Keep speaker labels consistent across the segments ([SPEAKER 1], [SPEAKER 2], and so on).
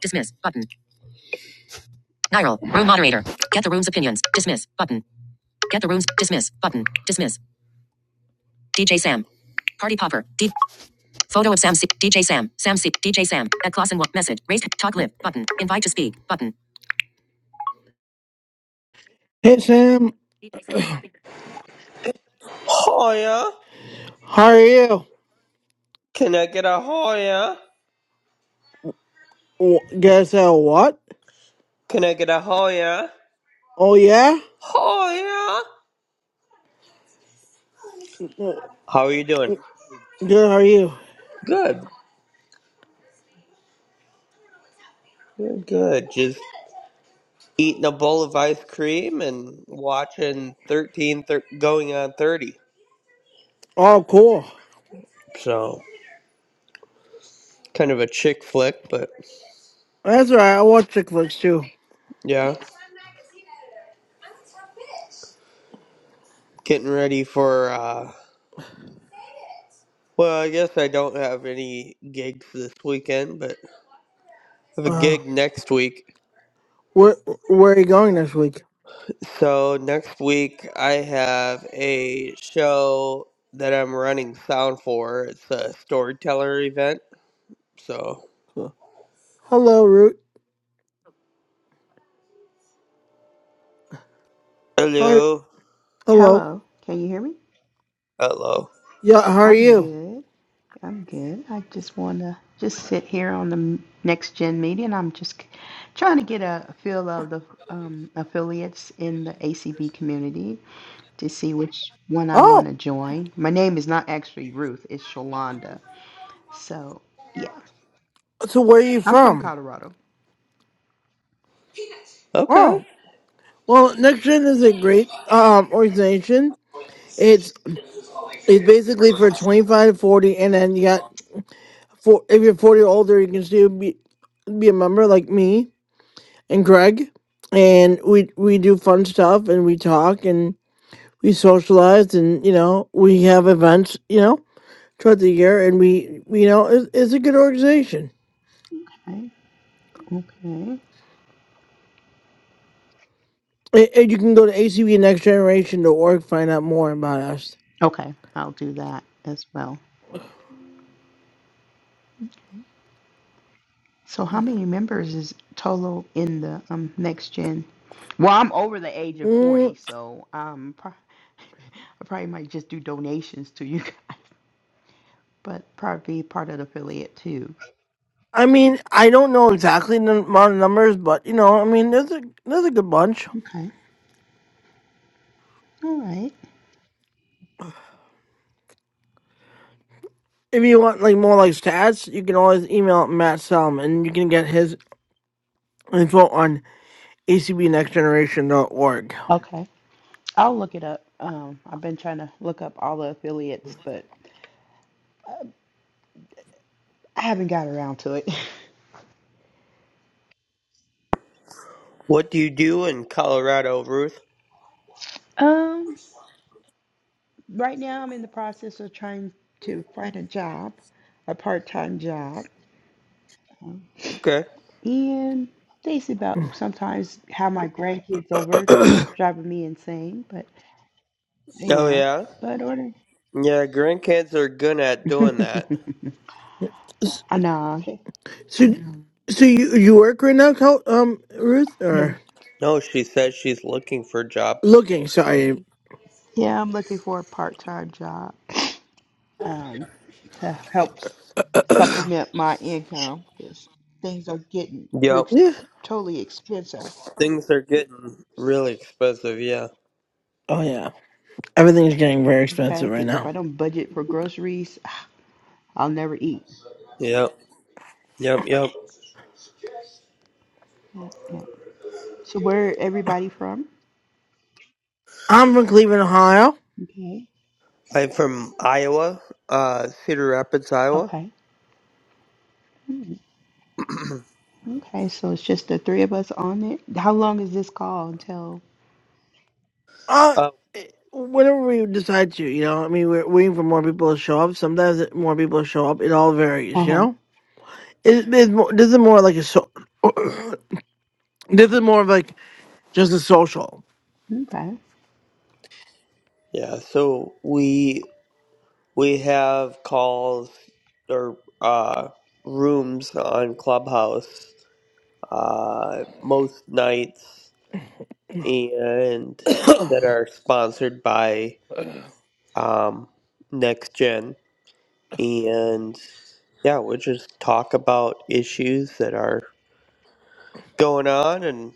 [SPEAKER 1] Dismiss button. Niral. Room moderator. Get the room's opinions. Dismiss button. Get the room's dismiss button. Dismiss. DJ Sam. Party popper. D- photo of Sam C. DJ Sam. Sam C. DJ Sam. At Clausen one message. Raise talk live button. Invite to speak button. Hey Sam.
[SPEAKER 2] Hoya,
[SPEAKER 1] How are you?
[SPEAKER 2] can I get a Hoya?
[SPEAKER 1] Wh- Guess uh, what?
[SPEAKER 2] Can I get a Hoya?
[SPEAKER 1] Oh yeah.
[SPEAKER 2] Hoya.
[SPEAKER 1] Wh-
[SPEAKER 2] How are you doing?
[SPEAKER 1] Good. How are you?
[SPEAKER 2] Good. Good, good. Just eating a bowl of ice cream and watching 13 thir- going on 30.
[SPEAKER 1] Oh cool.
[SPEAKER 2] So, kind of a chick flick, but
[SPEAKER 1] That's all right. I watch chick flicks too.
[SPEAKER 2] yeah. Getting ready for uh well, I guess I don't have any gigs this weekend, but I have a
[SPEAKER 1] Uh,
[SPEAKER 2] gig next week
[SPEAKER 1] where where are you going this week?
[SPEAKER 2] So next week I have a show that I'm running sound for. It's a storyteller event. So
[SPEAKER 1] Hello, Root. Hi.
[SPEAKER 2] hello,
[SPEAKER 1] Hello.
[SPEAKER 3] Hello, can you hear me?
[SPEAKER 2] hello.
[SPEAKER 1] Yeah, how are
[SPEAKER 3] I'm
[SPEAKER 1] you?
[SPEAKER 3] good. I'm good. I just want to just sit here on the m- next gen meeting. I'm just c- trying to get a feel of the um, affiliates in the ACB community to see which one I want
[SPEAKER 1] Oh,
[SPEAKER 3] to join. My name is not actually Ruth, it's Shalonda. So, yeah,
[SPEAKER 1] so where are you
[SPEAKER 3] I'm from
[SPEAKER 1] from?
[SPEAKER 3] Colorado.
[SPEAKER 2] Okay.
[SPEAKER 1] Oh, well, NextGen is a great um organization. It's it's basically for 25 to 40, and then you got for if you're 40 or older, you can still be be a member like me and Greg, and we we do fun stuff and we talk and we socialize and you know we have events you know throughout the year and we you know it's, it's a good organization.
[SPEAKER 3] Okay. Okay.
[SPEAKER 1] And and you can go to A C B next generation dot org find out more about us.
[SPEAKER 3] Okay, I'll do that as well. So, how many members is total in the um, next gen? Well, I'm over the age of 40,
[SPEAKER 1] Mm,
[SPEAKER 3] so um, pro- I probably might just do donations to you guys, but probably be part of the affiliate too.
[SPEAKER 1] I mean, I don't know exactly the amount of numbers, but you know, I mean, there's a there's a good bunch.
[SPEAKER 3] Okay. All right.
[SPEAKER 1] If you want like more like stats, you can always email Matt Salm, and you can get his info on dot org.
[SPEAKER 3] Okay. I'll look it up. Um, I've been trying to look up all the affiliates, but I haven't got around to it.
[SPEAKER 2] What do you do in Colorado, Ruth?
[SPEAKER 3] um, right now I'm in the process of trying to find a job, a part-time job. Um,
[SPEAKER 2] Okay.
[SPEAKER 3] And basically about sometimes have my grandkids over, driving me insane, but
[SPEAKER 2] Oh
[SPEAKER 3] Yeah,
[SPEAKER 2] yeah,
[SPEAKER 3] but order.
[SPEAKER 2] yeah. Grandkids are good at doing that.
[SPEAKER 1] so,
[SPEAKER 3] I know. Okay.
[SPEAKER 1] so you you work right now, Col- um, Ruth,
[SPEAKER 3] No,
[SPEAKER 1] or
[SPEAKER 2] No, she says she's looking for a job.
[SPEAKER 1] looking? Sorry.
[SPEAKER 3] Yeah, I'm looking for a part-time job Um, to help supplement my income because things are getting
[SPEAKER 2] Yep.
[SPEAKER 3] rich,
[SPEAKER 1] Yeah.
[SPEAKER 3] totally expensive.
[SPEAKER 2] Things are getting really expensive. Yeah.
[SPEAKER 1] Oh yeah. Everything's getting very expensive
[SPEAKER 3] okay,
[SPEAKER 1] right
[SPEAKER 3] because if I
[SPEAKER 1] now.
[SPEAKER 3] don't budget for groceries, I'll never eat.
[SPEAKER 2] Yep. Yep. Yep.
[SPEAKER 3] Yeah, yeah. So where everybody from?
[SPEAKER 1] I'm from Cleveland, Ohio.
[SPEAKER 3] Okay.
[SPEAKER 2] I'm from Iowa, uh, Cedar Rapids, Iowa.
[SPEAKER 3] Okay. Mm, Okay. So it's just the three of us on it. How long is this call until?
[SPEAKER 1] Uh, eh, whenever we decide to, you know, I mean, we're waiting for more people to show up. Sometimes it- more people show up. It all
[SPEAKER 3] Uh
[SPEAKER 1] varies, you
[SPEAKER 3] huh.
[SPEAKER 1] know. It, it's more, this is more like a so. this is more of like just a social.
[SPEAKER 3] Okay.
[SPEAKER 2] Yeah, so we we have calls or uh, rooms on Clubhouse uh, most nights, and that are sponsored by um, Next Gen, and yeah, we'll just talk about issues that are going on and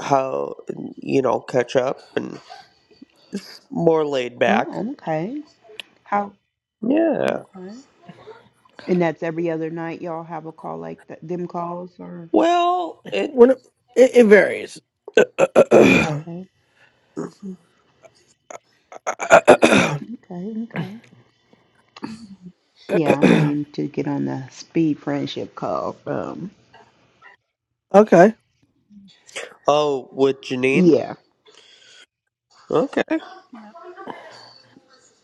[SPEAKER 2] how you know catch up and more laid back.
[SPEAKER 3] Oh, okay. How?
[SPEAKER 2] Yeah.
[SPEAKER 3] Okay. And that's every other night y'all have a call like that, them calls or
[SPEAKER 2] Well, it.
[SPEAKER 1] when it, it, it varies.
[SPEAKER 3] okay, okay, okay. Yeah, I'm waiting to get on the speed friendship call. Um,
[SPEAKER 1] okay.
[SPEAKER 2] Oh, with Janine.
[SPEAKER 3] yeah,
[SPEAKER 2] Okay.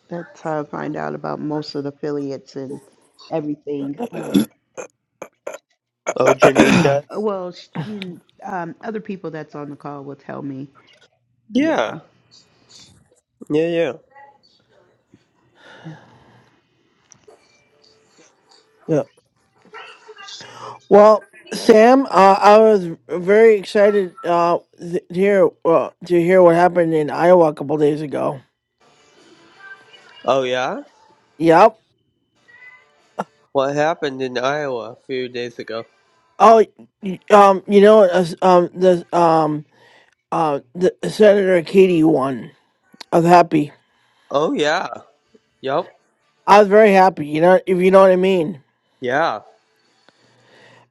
[SPEAKER 3] that's how I find out about most of the affiliates and everything. Um,
[SPEAKER 2] Oh, Janine
[SPEAKER 3] uh,
[SPEAKER 2] does?
[SPEAKER 3] well, sh- you, um, other people that's on the call will tell me.
[SPEAKER 2] Yeah.
[SPEAKER 3] Yeah.
[SPEAKER 2] Yeah, yeah.
[SPEAKER 1] Yeah. Well, Sam, uh, I was very excited uh, th- to hear uh, to hear what happened in Iowa a couple days ago.
[SPEAKER 2] Oh, yeah?
[SPEAKER 1] Yep.
[SPEAKER 2] What happened in Iowa a few days ago?
[SPEAKER 1] Oh, y- um, you know, uh, um, the um. uh, the, Senator Katie won. I was happy.
[SPEAKER 2] Oh, yeah. Yep.
[SPEAKER 1] I was very happy. You know, if you know what I mean,
[SPEAKER 2] Yeah.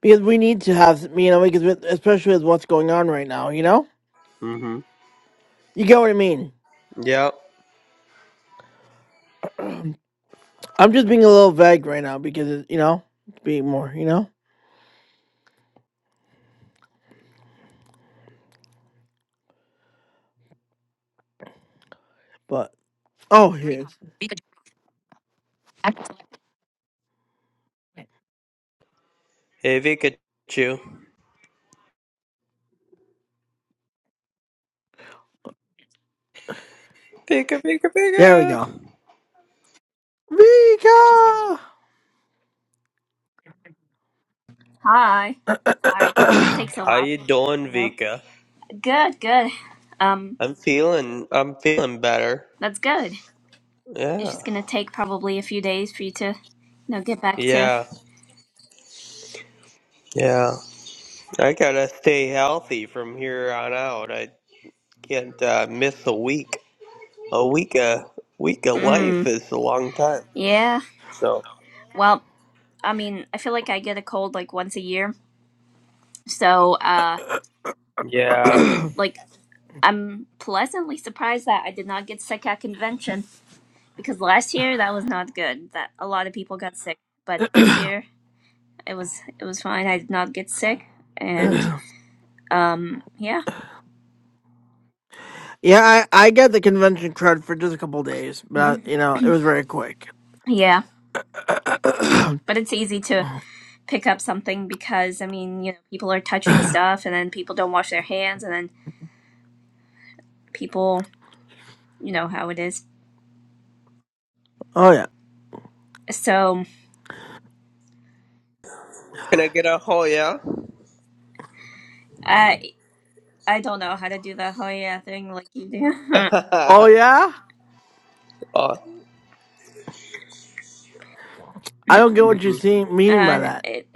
[SPEAKER 1] because we need to have you know, because with, especially with what's going on right now, you know,
[SPEAKER 2] Mm-hmm.
[SPEAKER 1] you get what I mean.
[SPEAKER 2] Yep.
[SPEAKER 1] I'm just being a little vague right now because it, you know, it's being more, you know, but oh, here it is.
[SPEAKER 2] Hey, Vika. Chu. Vika, Vika,
[SPEAKER 1] There we go.
[SPEAKER 2] Vika.
[SPEAKER 1] Vika.
[SPEAKER 4] Hi. Sorry. Takes a
[SPEAKER 2] How
[SPEAKER 4] while,
[SPEAKER 2] you doing,
[SPEAKER 4] you know.
[SPEAKER 2] Vika?
[SPEAKER 4] Good, good. Um,
[SPEAKER 2] I'm feeling, I'm feeling better.
[SPEAKER 4] that's good. It's
[SPEAKER 2] Yeah.
[SPEAKER 4] just gonna take probably a few days for you to, you know, get back to.
[SPEAKER 2] Yeah. Yeah. I gotta stay healthy from here on out. I can't uh, miss a week. A week, a week of
[SPEAKER 4] Hmm.
[SPEAKER 2] life is a long time.
[SPEAKER 4] Yeah.
[SPEAKER 2] So.
[SPEAKER 4] Well, I mean, I feel like I get a cold like once a year. So, uh,
[SPEAKER 2] Yeah.
[SPEAKER 4] and like, I'm pleasantly surprised that I did not get sick at convention because last year that was not good. That a lot of people got sick, but this year it was it was fine. I did not get sick, and um, yeah.
[SPEAKER 1] yeah, I I got the convention card for just a couple days,
[SPEAKER 4] Mm-hmm.
[SPEAKER 1] but you know, it was very quick.
[SPEAKER 4] Yeah,
[SPEAKER 1] oh
[SPEAKER 4] but it's easy to pick up something because I mean, you know, people are touching stuff and then people don't wash their hands and then people, you know how it is.
[SPEAKER 1] yeah.
[SPEAKER 4] So
[SPEAKER 2] Can I get a oh yeah?
[SPEAKER 4] I I don't know how to do the Hoya thing like you do.
[SPEAKER 1] Oh
[SPEAKER 2] oh,
[SPEAKER 1] yeah. I don't get what you're
[SPEAKER 2] mhm.
[SPEAKER 1] seeing, meaning by
[SPEAKER 4] and
[SPEAKER 1] that.
[SPEAKER 4] it,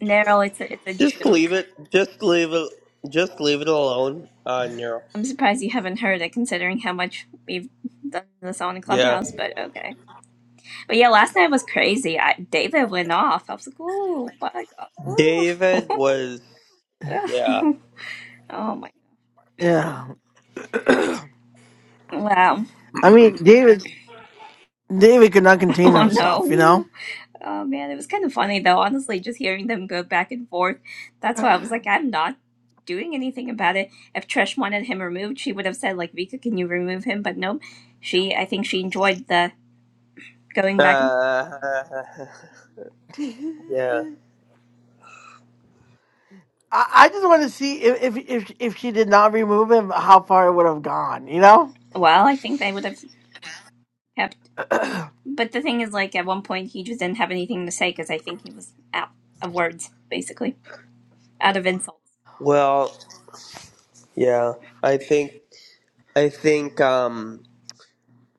[SPEAKER 4] Nero, it's a, it's a
[SPEAKER 2] Just leave
[SPEAKER 4] joke.
[SPEAKER 2] it. Just leave it. Just leave it alone. Uh, Nero.
[SPEAKER 4] I'm surprised you haven't heard it considering how much we've done this on
[SPEAKER 2] Yeah.
[SPEAKER 4] Clubhouse, but okay. But yeah, last night was crazy. I, David went off. I was like, ooh, my God, ooh.
[SPEAKER 2] David was. Yeah.
[SPEAKER 4] oh my,
[SPEAKER 1] Yeah.
[SPEAKER 4] wow.
[SPEAKER 1] I mean, David, David could not contain
[SPEAKER 4] Oh
[SPEAKER 1] himself, you
[SPEAKER 4] no.
[SPEAKER 1] know?
[SPEAKER 4] Oh man, it was kind of funny though, honestly, just hearing them go back and forth. That's why I was like, I'm not doing anything about it. If Trish wanted him removed, she would have said, like, Vika, can you remove him? But no, she, I think she enjoyed the going back and
[SPEAKER 2] Uh,
[SPEAKER 1] I,
[SPEAKER 2] yeah.
[SPEAKER 1] I just want to see if, if, if, if she did not remove him, how far it would have gone, you know?
[SPEAKER 4] Well, I think they would have kept. But the thing is, like, at one point, he just didn't have anything to say because I think he was out of words, basically, out of insults.
[SPEAKER 2] Well. Yeah. I think. I think. Um.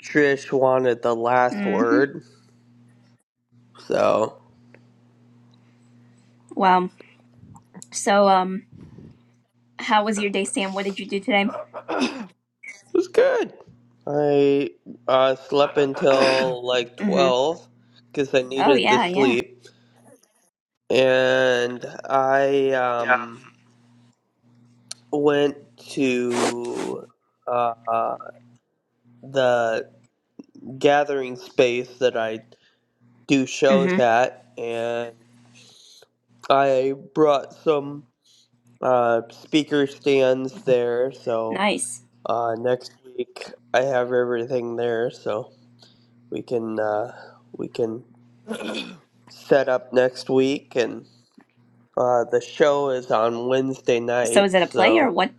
[SPEAKER 2] Trish wanted the last
[SPEAKER 4] Mm-hmm.
[SPEAKER 2] word, so
[SPEAKER 4] Wow. So, um, how was your day, Sam? What did you do today?
[SPEAKER 2] it was good. I uh slept until like
[SPEAKER 4] Mm-hmm.
[SPEAKER 2] twelve because I
[SPEAKER 4] Oh,
[SPEAKER 2] needed the
[SPEAKER 4] yeah, yeah.
[SPEAKER 2] sleep. and I um went to uh the gathering space that I do shows
[SPEAKER 4] Mm-hmm.
[SPEAKER 2] at, and I brought some uh speaker stands there. So
[SPEAKER 4] Nice.
[SPEAKER 2] uh next week I have everything there, so we can uh we can set up next week and. Uh, the show is on Wednesday
[SPEAKER 4] So
[SPEAKER 2] night,
[SPEAKER 4] is it a play or
[SPEAKER 2] so
[SPEAKER 4] what?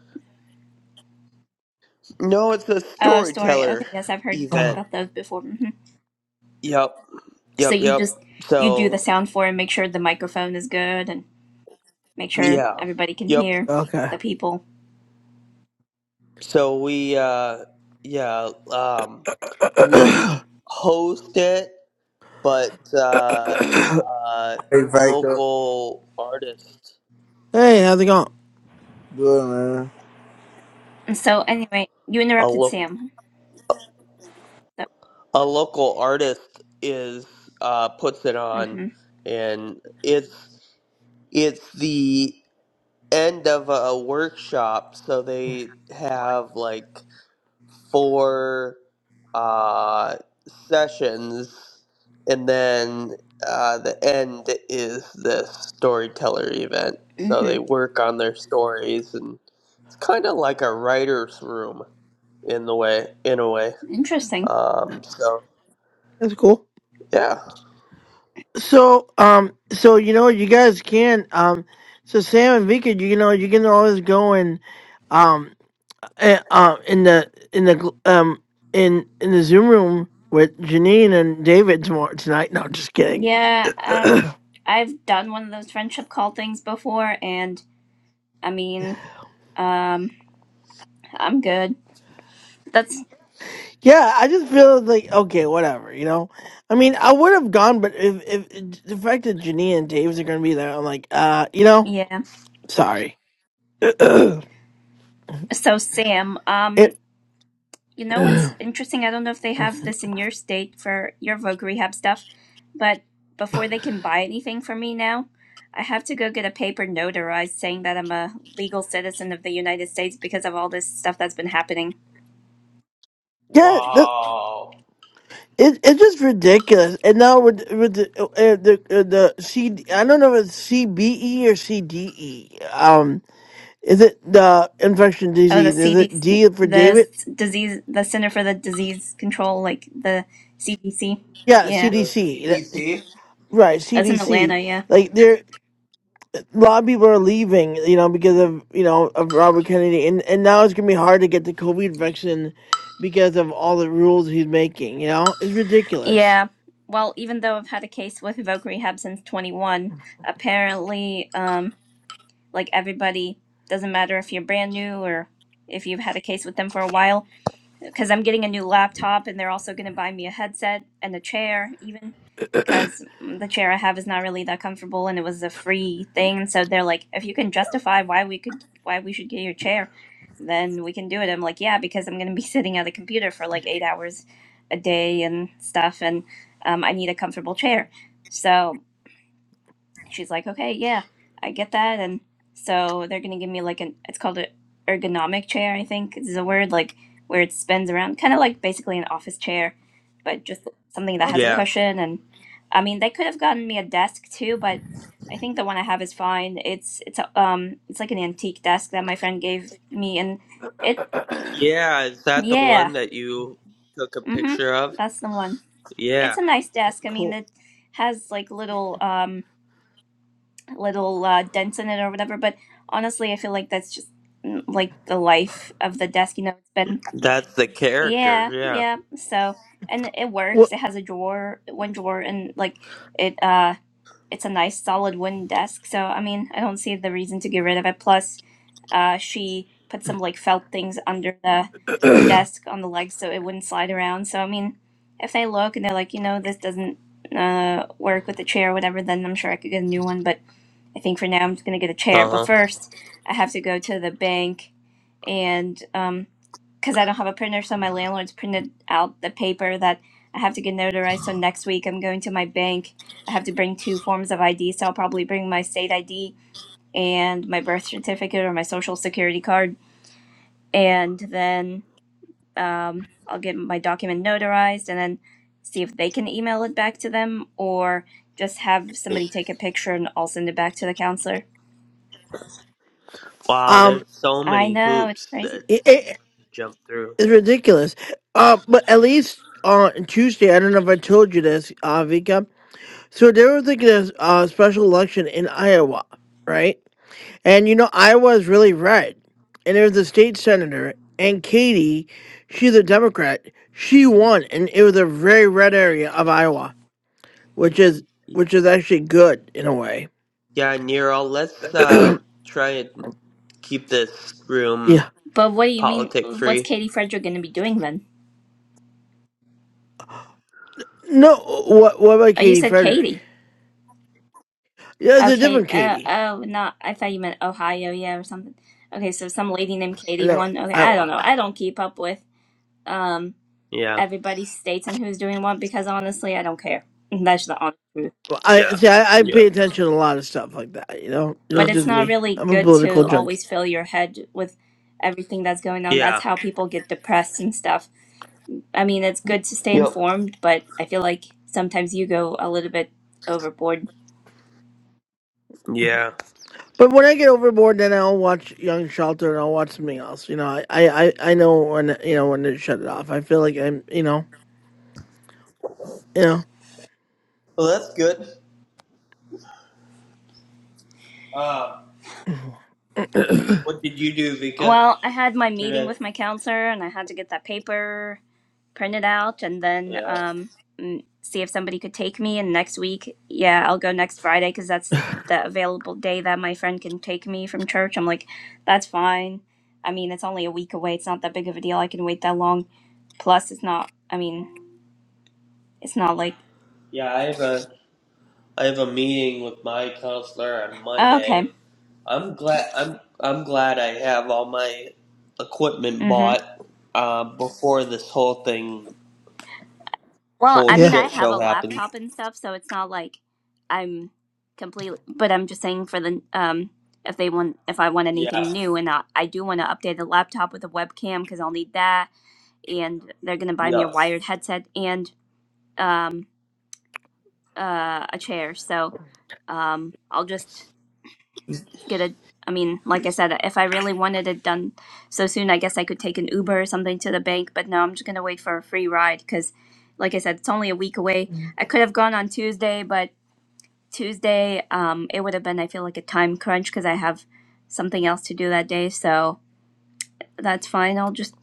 [SPEAKER 2] No, it's a
[SPEAKER 4] Oh, story.
[SPEAKER 2] storyteller
[SPEAKER 4] Okay, yes, I've heard you talk
[SPEAKER 1] oh,
[SPEAKER 2] event.
[SPEAKER 4] about those before. hmm
[SPEAKER 2] Yep,
[SPEAKER 4] So
[SPEAKER 2] yep,
[SPEAKER 4] you
[SPEAKER 2] yep.
[SPEAKER 4] just you do the
[SPEAKER 2] So
[SPEAKER 4] sound for it, make sure the microphone is good, and make sure
[SPEAKER 2] yeah,
[SPEAKER 4] everybody can
[SPEAKER 2] yep.
[SPEAKER 4] hear
[SPEAKER 1] okay.
[SPEAKER 4] the people.
[SPEAKER 2] So we uh yeah um we host it, but uh, uh
[SPEAKER 5] Hey, Vika.
[SPEAKER 2] local artist
[SPEAKER 1] hey, how's it going?
[SPEAKER 5] Good, man.
[SPEAKER 4] And so anyway, you
[SPEAKER 2] a
[SPEAKER 4] interrupted
[SPEAKER 2] lo-
[SPEAKER 4] Sam. So,
[SPEAKER 2] a local artist is uh puts it on,
[SPEAKER 4] hmm
[SPEAKER 2] and it's it's the end of a workshop, so they have like. four uh, sessions, and then uh, the end is this storyteller event. So
[SPEAKER 4] hmm
[SPEAKER 2] they work on their stories, and it's kind of like a writer's room in the way, in a way.
[SPEAKER 4] Interesting.
[SPEAKER 2] Um, so
[SPEAKER 1] That's cool.
[SPEAKER 2] yeah.
[SPEAKER 1] So, um, so you know, you guys can, um, so Sam and Vika, you know, you can always go and, um, eh, uh, in the in the gl- um in in the Zoom room with Janine and David tomorrow tonight. No, just kidding.
[SPEAKER 4] Yeah.
[SPEAKER 1] yeah,
[SPEAKER 4] Um, I've done one of those friendship call things before, and I mean, um, I'm good. That's
[SPEAKER 1] I just feel like okay, whatever, you know. I mean, I would have gone, but if if the fact that Janine and Dave's are gonna be there, I'm like, uh, you know,
[SPEAKER 4] yeah.
[SPEAKER 1] sorry. it,
[SPEAKER 4] So Sam, um. You know what's
[SPEAKER 1] yeah,
[SPEAKER 4] interesting? I don't know if they have this in your state for your Voc Rehab stuff, but before they can buy anything from me now, I have to go get a paper notarized saying that I'm a legal citizen of the United States because of all this stuff that's been happening.
[SPEAKER 1] th-
[SPEAKER 2] Wow.
[SPEAKER 1] It, it's just ridiculous. And now with with the uh, uh, the uh, the C I don't know if it's CBE or CDE. Um, is it the infection
[SPEAKER 4] Oh, the
[SPEAKER 1] disease? Is it
[SPEAKER 4] CDC,
[SPEAKER 1] D for
[SPEAKER 4] the s-
[SPEAKER 1] David?
[SPEAKER 4] disease, the Center for the Disease Control, like the CDC.
[SPEAKER 1] Yeah,
[SPEAKER 4] Yeah,
[SPEAKER 2] The
[SPEAKER 1] CDC. That-
[SPEAKER 2] CDC.
[SPEAKER 1] Right,
[SPEAKER 4] that's in
[SPEAKER 1] CDC.
[SPEAKER 4] Atlanta. Yeah,
[SPEAKER 1] Like there, a lot of people are leaving, you know, because of you know of Robert Kennedy, and and now it's gonna be hard to get the COVID vaccine because of all the rules he's making. You know, it's ridiculous.
[SPEAKER 4] yeah. Well, even though I've had a case with Voc Rehab since 21, apparently, um. like everybody doesn't matter if you're brand new or if you've had a case with them for a while because i'm getting a new laptop and they're also going to buy me a headset and a chair even because the chair i have is not really that comfortable and it was a free thing so they're like if you can justify why we could why we should get your chair then we can do it i'm like yeah because i'm going to be sitting at a computer for like eight hours a day and stuff and um, i need a comfortable chair so she's like, okay, yeah, I get that. And so they're going to give me like an, it's called an ergonomic chair, I think is a word, like where it spins around, kind of like basically an office chair, but just something that has a
[SPEAKER 1] Okay,
[SPEAKER 2] Yeah.
[SPEAKER 4] cushion. And I mean, they could have gotten me a desk too, but I think the one I have is fine. It's, it's, a, um, it's like an antique desk that my friend gave me. And it,
[SPEAKER 2] Yeah, is that the one
[SPEAKER 4] yeah,
[SPEAKER 2] that you took a
[SPEAKER 4] mm hmm,
[SPEAKER 2] picture of?
[SPEAKER 4] that's the one. It's
[SPEAKER 2] Yeah,
[SPEAKER 4] a nice desk. I mean,
[SPEAKER 1] cool.
[SPEAKER 4] it has like little, um, little uh, dents in it or whatever. But honestly, I feel like that's just mm, like the life of the desk. You know, it's been
[SPEAKER 2] that's the character.
[SPEAKER 4] yeah,
[SPEAKER 2] Yeah.
[SPEAKER 4] yeah. So and it
[SPEAKER 1] Well,
[SPEAKER 4] works. It has a drawer, one drawer, and like it. uh It's a nice solid wooden desk. So I mean, I don't see the reason to get rid of it. Plus, uh, she put some like felt things under the desk on the legs so it wouldn't slide around. So I mean, if they look and they're like, you know, this doesn't uh work with the chair or whatever, then I'm sure I could get a new one. But I think for now I'm just gonna get a chair.
[SPEAKER 2] Uh
[SPEAKER 4] But
[SPEAKER 2] huh.
[SPEAKER 4] first, I have to go to the bank, and um, because I don't have a printer, so my landlord's printed out the paper that I have to get notarized. So next week I'm going to my bank. I have to bring two forms of ID, so I'll probably bring my state ID and my birth certificate or my social security card, and then um, I'll get my document notarized, and then see if they can email it back to them or just have somebody take a picture and I'll send it back to the counselor.
[SPEAKER 2] Wow, there's
[SPEAKER 1] um.
[SPEAKER 2] so
[SPEAKER 4] I
[SPEAKER 2] many
[SPEAKER 4] know, it's
[SPEAKER 2] hoops
[SPEAKER 4] crazy.
[SPEAKER 2] that jump through.
[SPEAKER 1] It's ridiculous. Uh, but at least on Tuesday, I don't know if I told you this, uh, Vika. So they were thinking of uh, special election in Iowa, right? And you know, Iowa is really red. And there was a state senator, and Katie, she's a Democrat. She won, and it was a very red area of Iowa, which
[SPEAKER 2] Y-
[SPEAKER 1] is
[SPEAKER 2] y-
[SPEAKER 1] which is actually good in a way.
[SPEAKER 2] Yeah, Nero, let's uh try and keep this room
[SPEAKER 1] Yeah.
[SPEAKER 4] But what do you mean?
[SPEAKER 2] politic
[SPEAKER 4] What's
[SPEAKER 2] free.
[SPEAKER 4] Katie Frederick going to be doing then?
[SPEAKER 1] No, what what about
[SPEAKER 4] Oh, you
[SPEAKER 1] Katie
[SPEAKER 4] said
[SPEAKER 1] Frederick?
[SPEAKER 4] Katie.
[SPEAKER 1] Yeah, it's a
[SPEAKER 4] Okay.
[SPEAKER 1] different
[SPEAKER 4] Oh,
[SPEAKER 1] Katie.
[SPEAKER 4] oh, no. I thought you meant Ohio, yeah, or something. Okay, so some lady named Katie
[SPEAKER 1] No,
[SPEAKER 4] won. Okay, I
[SPEAKER 1] Iowa.
[SPEAKER 4] don't know. I don't keep up with um
[SPEAKER 2] Yeah.
[SPEAKER 4] everybody's states and who's doing what because honestly, I don't care. That's the honest truth.
[SPEAKER 1] Well, I
[SPEAKER 2] Yeah.
[SPEAKER 1] see. I, I
[SPEAKER 2] Yeah.
[SPEAKER 1] pay attention to a lot of stuff like that. You know,
[SPEAKER 2] Uh,
[SPEAKER 4] But
[SPEAKER 1] it's
[SPEAKER 4] it's
[SPEAKER 1] just
[SPEAKER 4] not
[SPEAKER 1] me.
[SPEAKER 4] really
[SPEAKER 1] I'm a
[SPEAKER 4] good
[SPEAKER 1] political
[SPEAKER 4] to
[SPEAKER 2] uh,
[SPEAKER 1] junkie.
[SPEAKER 4] always fill your head with everything that's going on. That's
[SPEAKER 2] Yeah.
[SPEAKER 4] how people get depressed and stuff I mean, it's good to stay
[SPEAKER 2] Yep.
[SPEAKER 4] informed, but I feel like sometimes you go a little bit overboard.
[SPEAKER 2] Yeah.
[SPEAKER 1] But when I get overboard, then I'll watch Young Shelter and I'll watch something else. You know, I, I, I I know when you know when to shut it off. I feel like I'm. You know. You
[SPEAKER 2] Well, that's good. Uh,
[SPEAKER 1] know.
[SPEAKER 2] what did you do, Vika,
[SPEAKER 4] Well, I had my meeting
[SPEAKER 2] today?
[SPEAKER 4] with my counselor and I had to get that paper printed out and then
[SPEAKER 2] Yeah.
[SPEAKER 4] um, mm, see if somebody could take me. And next week, yeah, I'll go next Friday because that's the available day that my friend can take me from church. I'm like, that's fine. I mean, it's only a week away. It's not that big of a deal. I can wait that long. Plus, it's not, I mean, it's not like,
[SPEAKER 2] Yeah, I have a I have a meeting with my counselor on
[SPEAKER 4] oh,
[SPEAKER 2] Monday,
[SPEAKER 4] okay.
[SPEAKER 2] I'm glad I'm I'm glad I have all my equipment
[SPEAKER 4] Mm hmm.
[SPEAKER 2] bought uh, before this whole thing
[SPEAKER 4] Well,
[SPEAKER 2] whole
[SPEAKER 4] I mean,
[SPEAKER 1] Yeah,
[SPEAKER 4] I
[SPEAKER 2] shit
[SPEAKER 4] have
[SPEAKER 2] show
[SPEAKER 4] a
[SPEAKER 2] happened.
[SPEAKER 4] laptop and stuff, so it's not like I'm completely. But I'm just saying for the um, if they want, if I want
[SPEAKER 2] Yeah.
[SPEAKER 4] anything new, and I, I do want to update the laptop with a webcam because I'll need that, and they're gonna buy me a
[SPEAKER 2] Yep.
[SPEAKER 4] wired headset and um uh a chair, so um I'll just get a I mean, like I said, if I really wanted it done so soon, I guess I could take an Uber or something to the bank, but no, I'm just going to wait for a free ride because like I said, it's only a week away. I could have gone on Tuesday, but Tuesday um it would have been I feel like a time crunch because I have something else to do that day, so that's fine. I'll just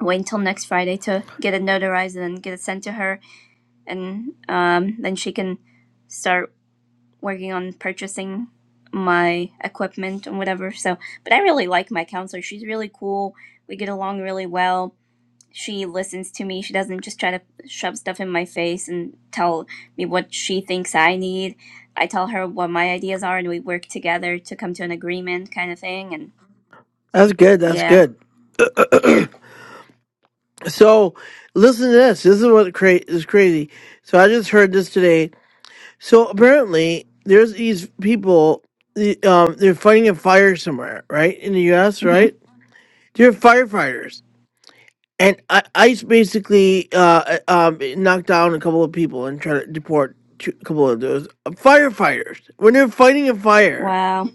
[SPEAKER 4] wait until next Friday to get it notarized and then get it sent to her and um then she can start working on purchasing my equipment and whatever. So, but I really like my counselor. She's really cool. We get along really well. She listens to me. She doesn't just try to shove stuff in my face and tell me what she thinks I need. I tell her what my ideas are and we work together to come to an agreement kind of thing. And
[SPEAKER 1] that's good. That's
[SPEAKER 4] yeah.
[SPEAKER 1] good. So, listen to this. This is what cra- is crazy. So I just heard this today. So apparently, there's these people. the- Um, they're fighting a fire somewhere, right in the U.S.
[SPEAKER 4] hmm
[SPEAKER 1] Right? They're firefighters, and I- ICE basically uh, uh, um, knocked down a couple of people and tried to deport two, a couple of those uh, firefighters when they're fighting a fire.
[SPEAKER 4] Wow.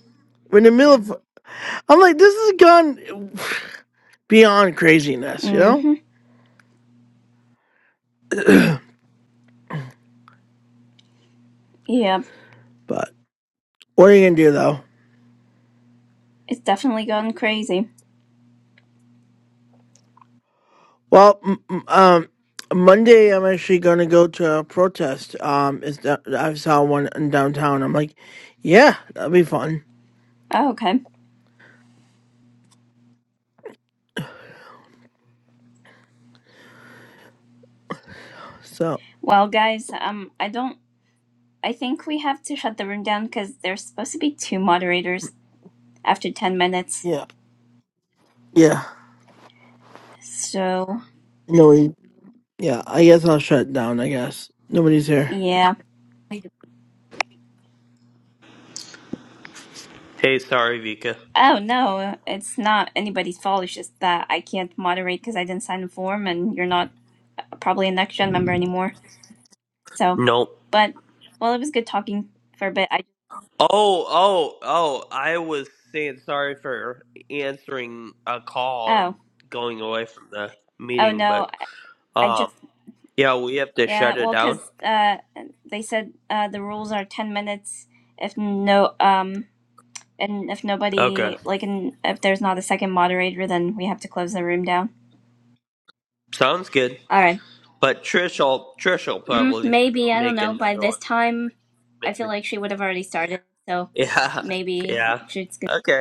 [SPEAKER 1] When in the middle of, I'm like, this has gone beyond craziness, you know.
[SPEAKER 4] hmm Yeah.
[SPEAKER 1] but what are you gonna do though?
[SPEAKER 4] It's definitely gone crazy.
[SPEAKER 1] Well, m- m- um, Monday I'm actually going to go to a protest. Um, it's do- I saw one in downtown. I'm like, yeah, that'll be fun.
[SPEAKER 4] Oh, okay.
[SPEAKER 1] So
[SPEAKER 4] Well, guys, um, I don't I think we have to shut the room down because there's supposed to be two moderators after 10 minutes.
[SPEAKER 1] yeah, yeah,
[SPEAKER 4] So,
[SPEAKER 1] no, we, yeah. I guess I'll shut down. I guess nobody's here.
[SPEAKER 4] yeah.
[SPEAKER 2] Hey, sorry, Vika.
[SPEAKER 4] Oh, no, it's not anybody's fault. It's just that I can't moderate because I didn't sign the form and you're not probably a next gen member anymore. So,
[SPEAKER 2] Nope.
[SPEAKER 4] but, well, it was good talking for a bit. I,
[SPEAKER 2] Oh, oh, oh! I was saying sorry for answering a call
[SPEAKER 4] oh,
[SPEAKER 2] and going away from the
[SPEAKER 4] oh,
[SPEAKER 2] meeting, but
[SPEAKER 4] no, I I
[SPEAKER 2] um,
[SPEAKER 4] just,
[SPEAKER 2] yeah, we have to shut
[SPEAKER 4] yeah,
[SPEAKER 2] it
[SPEAKER 4] well,
[SPEAKER 2] down.
[SPEAKER 4] because uh, they said uh, the rules are 10 minutes if no, um, And if
[SPEAKER 2] Okay,
[SPEAKER 4] nobody, like, and if there's not a second moderator, then we have to close the room down.
[SPEAKER 2] sounds good.
[SPEAKER 4] All right.
[SPEAKER 2] But Trish'll Trish'll
[SPEAKER 4] Mm,
[SPEAKER 2] probably
[SPEAKER 4] maybe, I don't
[SPEAKER 2] make
[SPEAKER 4] know. By
[SPEAKER 2] another
[SPEAKER 4] this
[SPEAKER 2] one,
[SPEAKER 4] time, I
[SPEAKER 2] maybe.
[SPEAKER 4] feel like she would have already started. So
[SPEAKER 2] Yeah.
[SPEAKER 4] maybe
[SPEAKER 2] Yeah.
[SPEAKER 4] she's
[SPEAKER 2] Okay.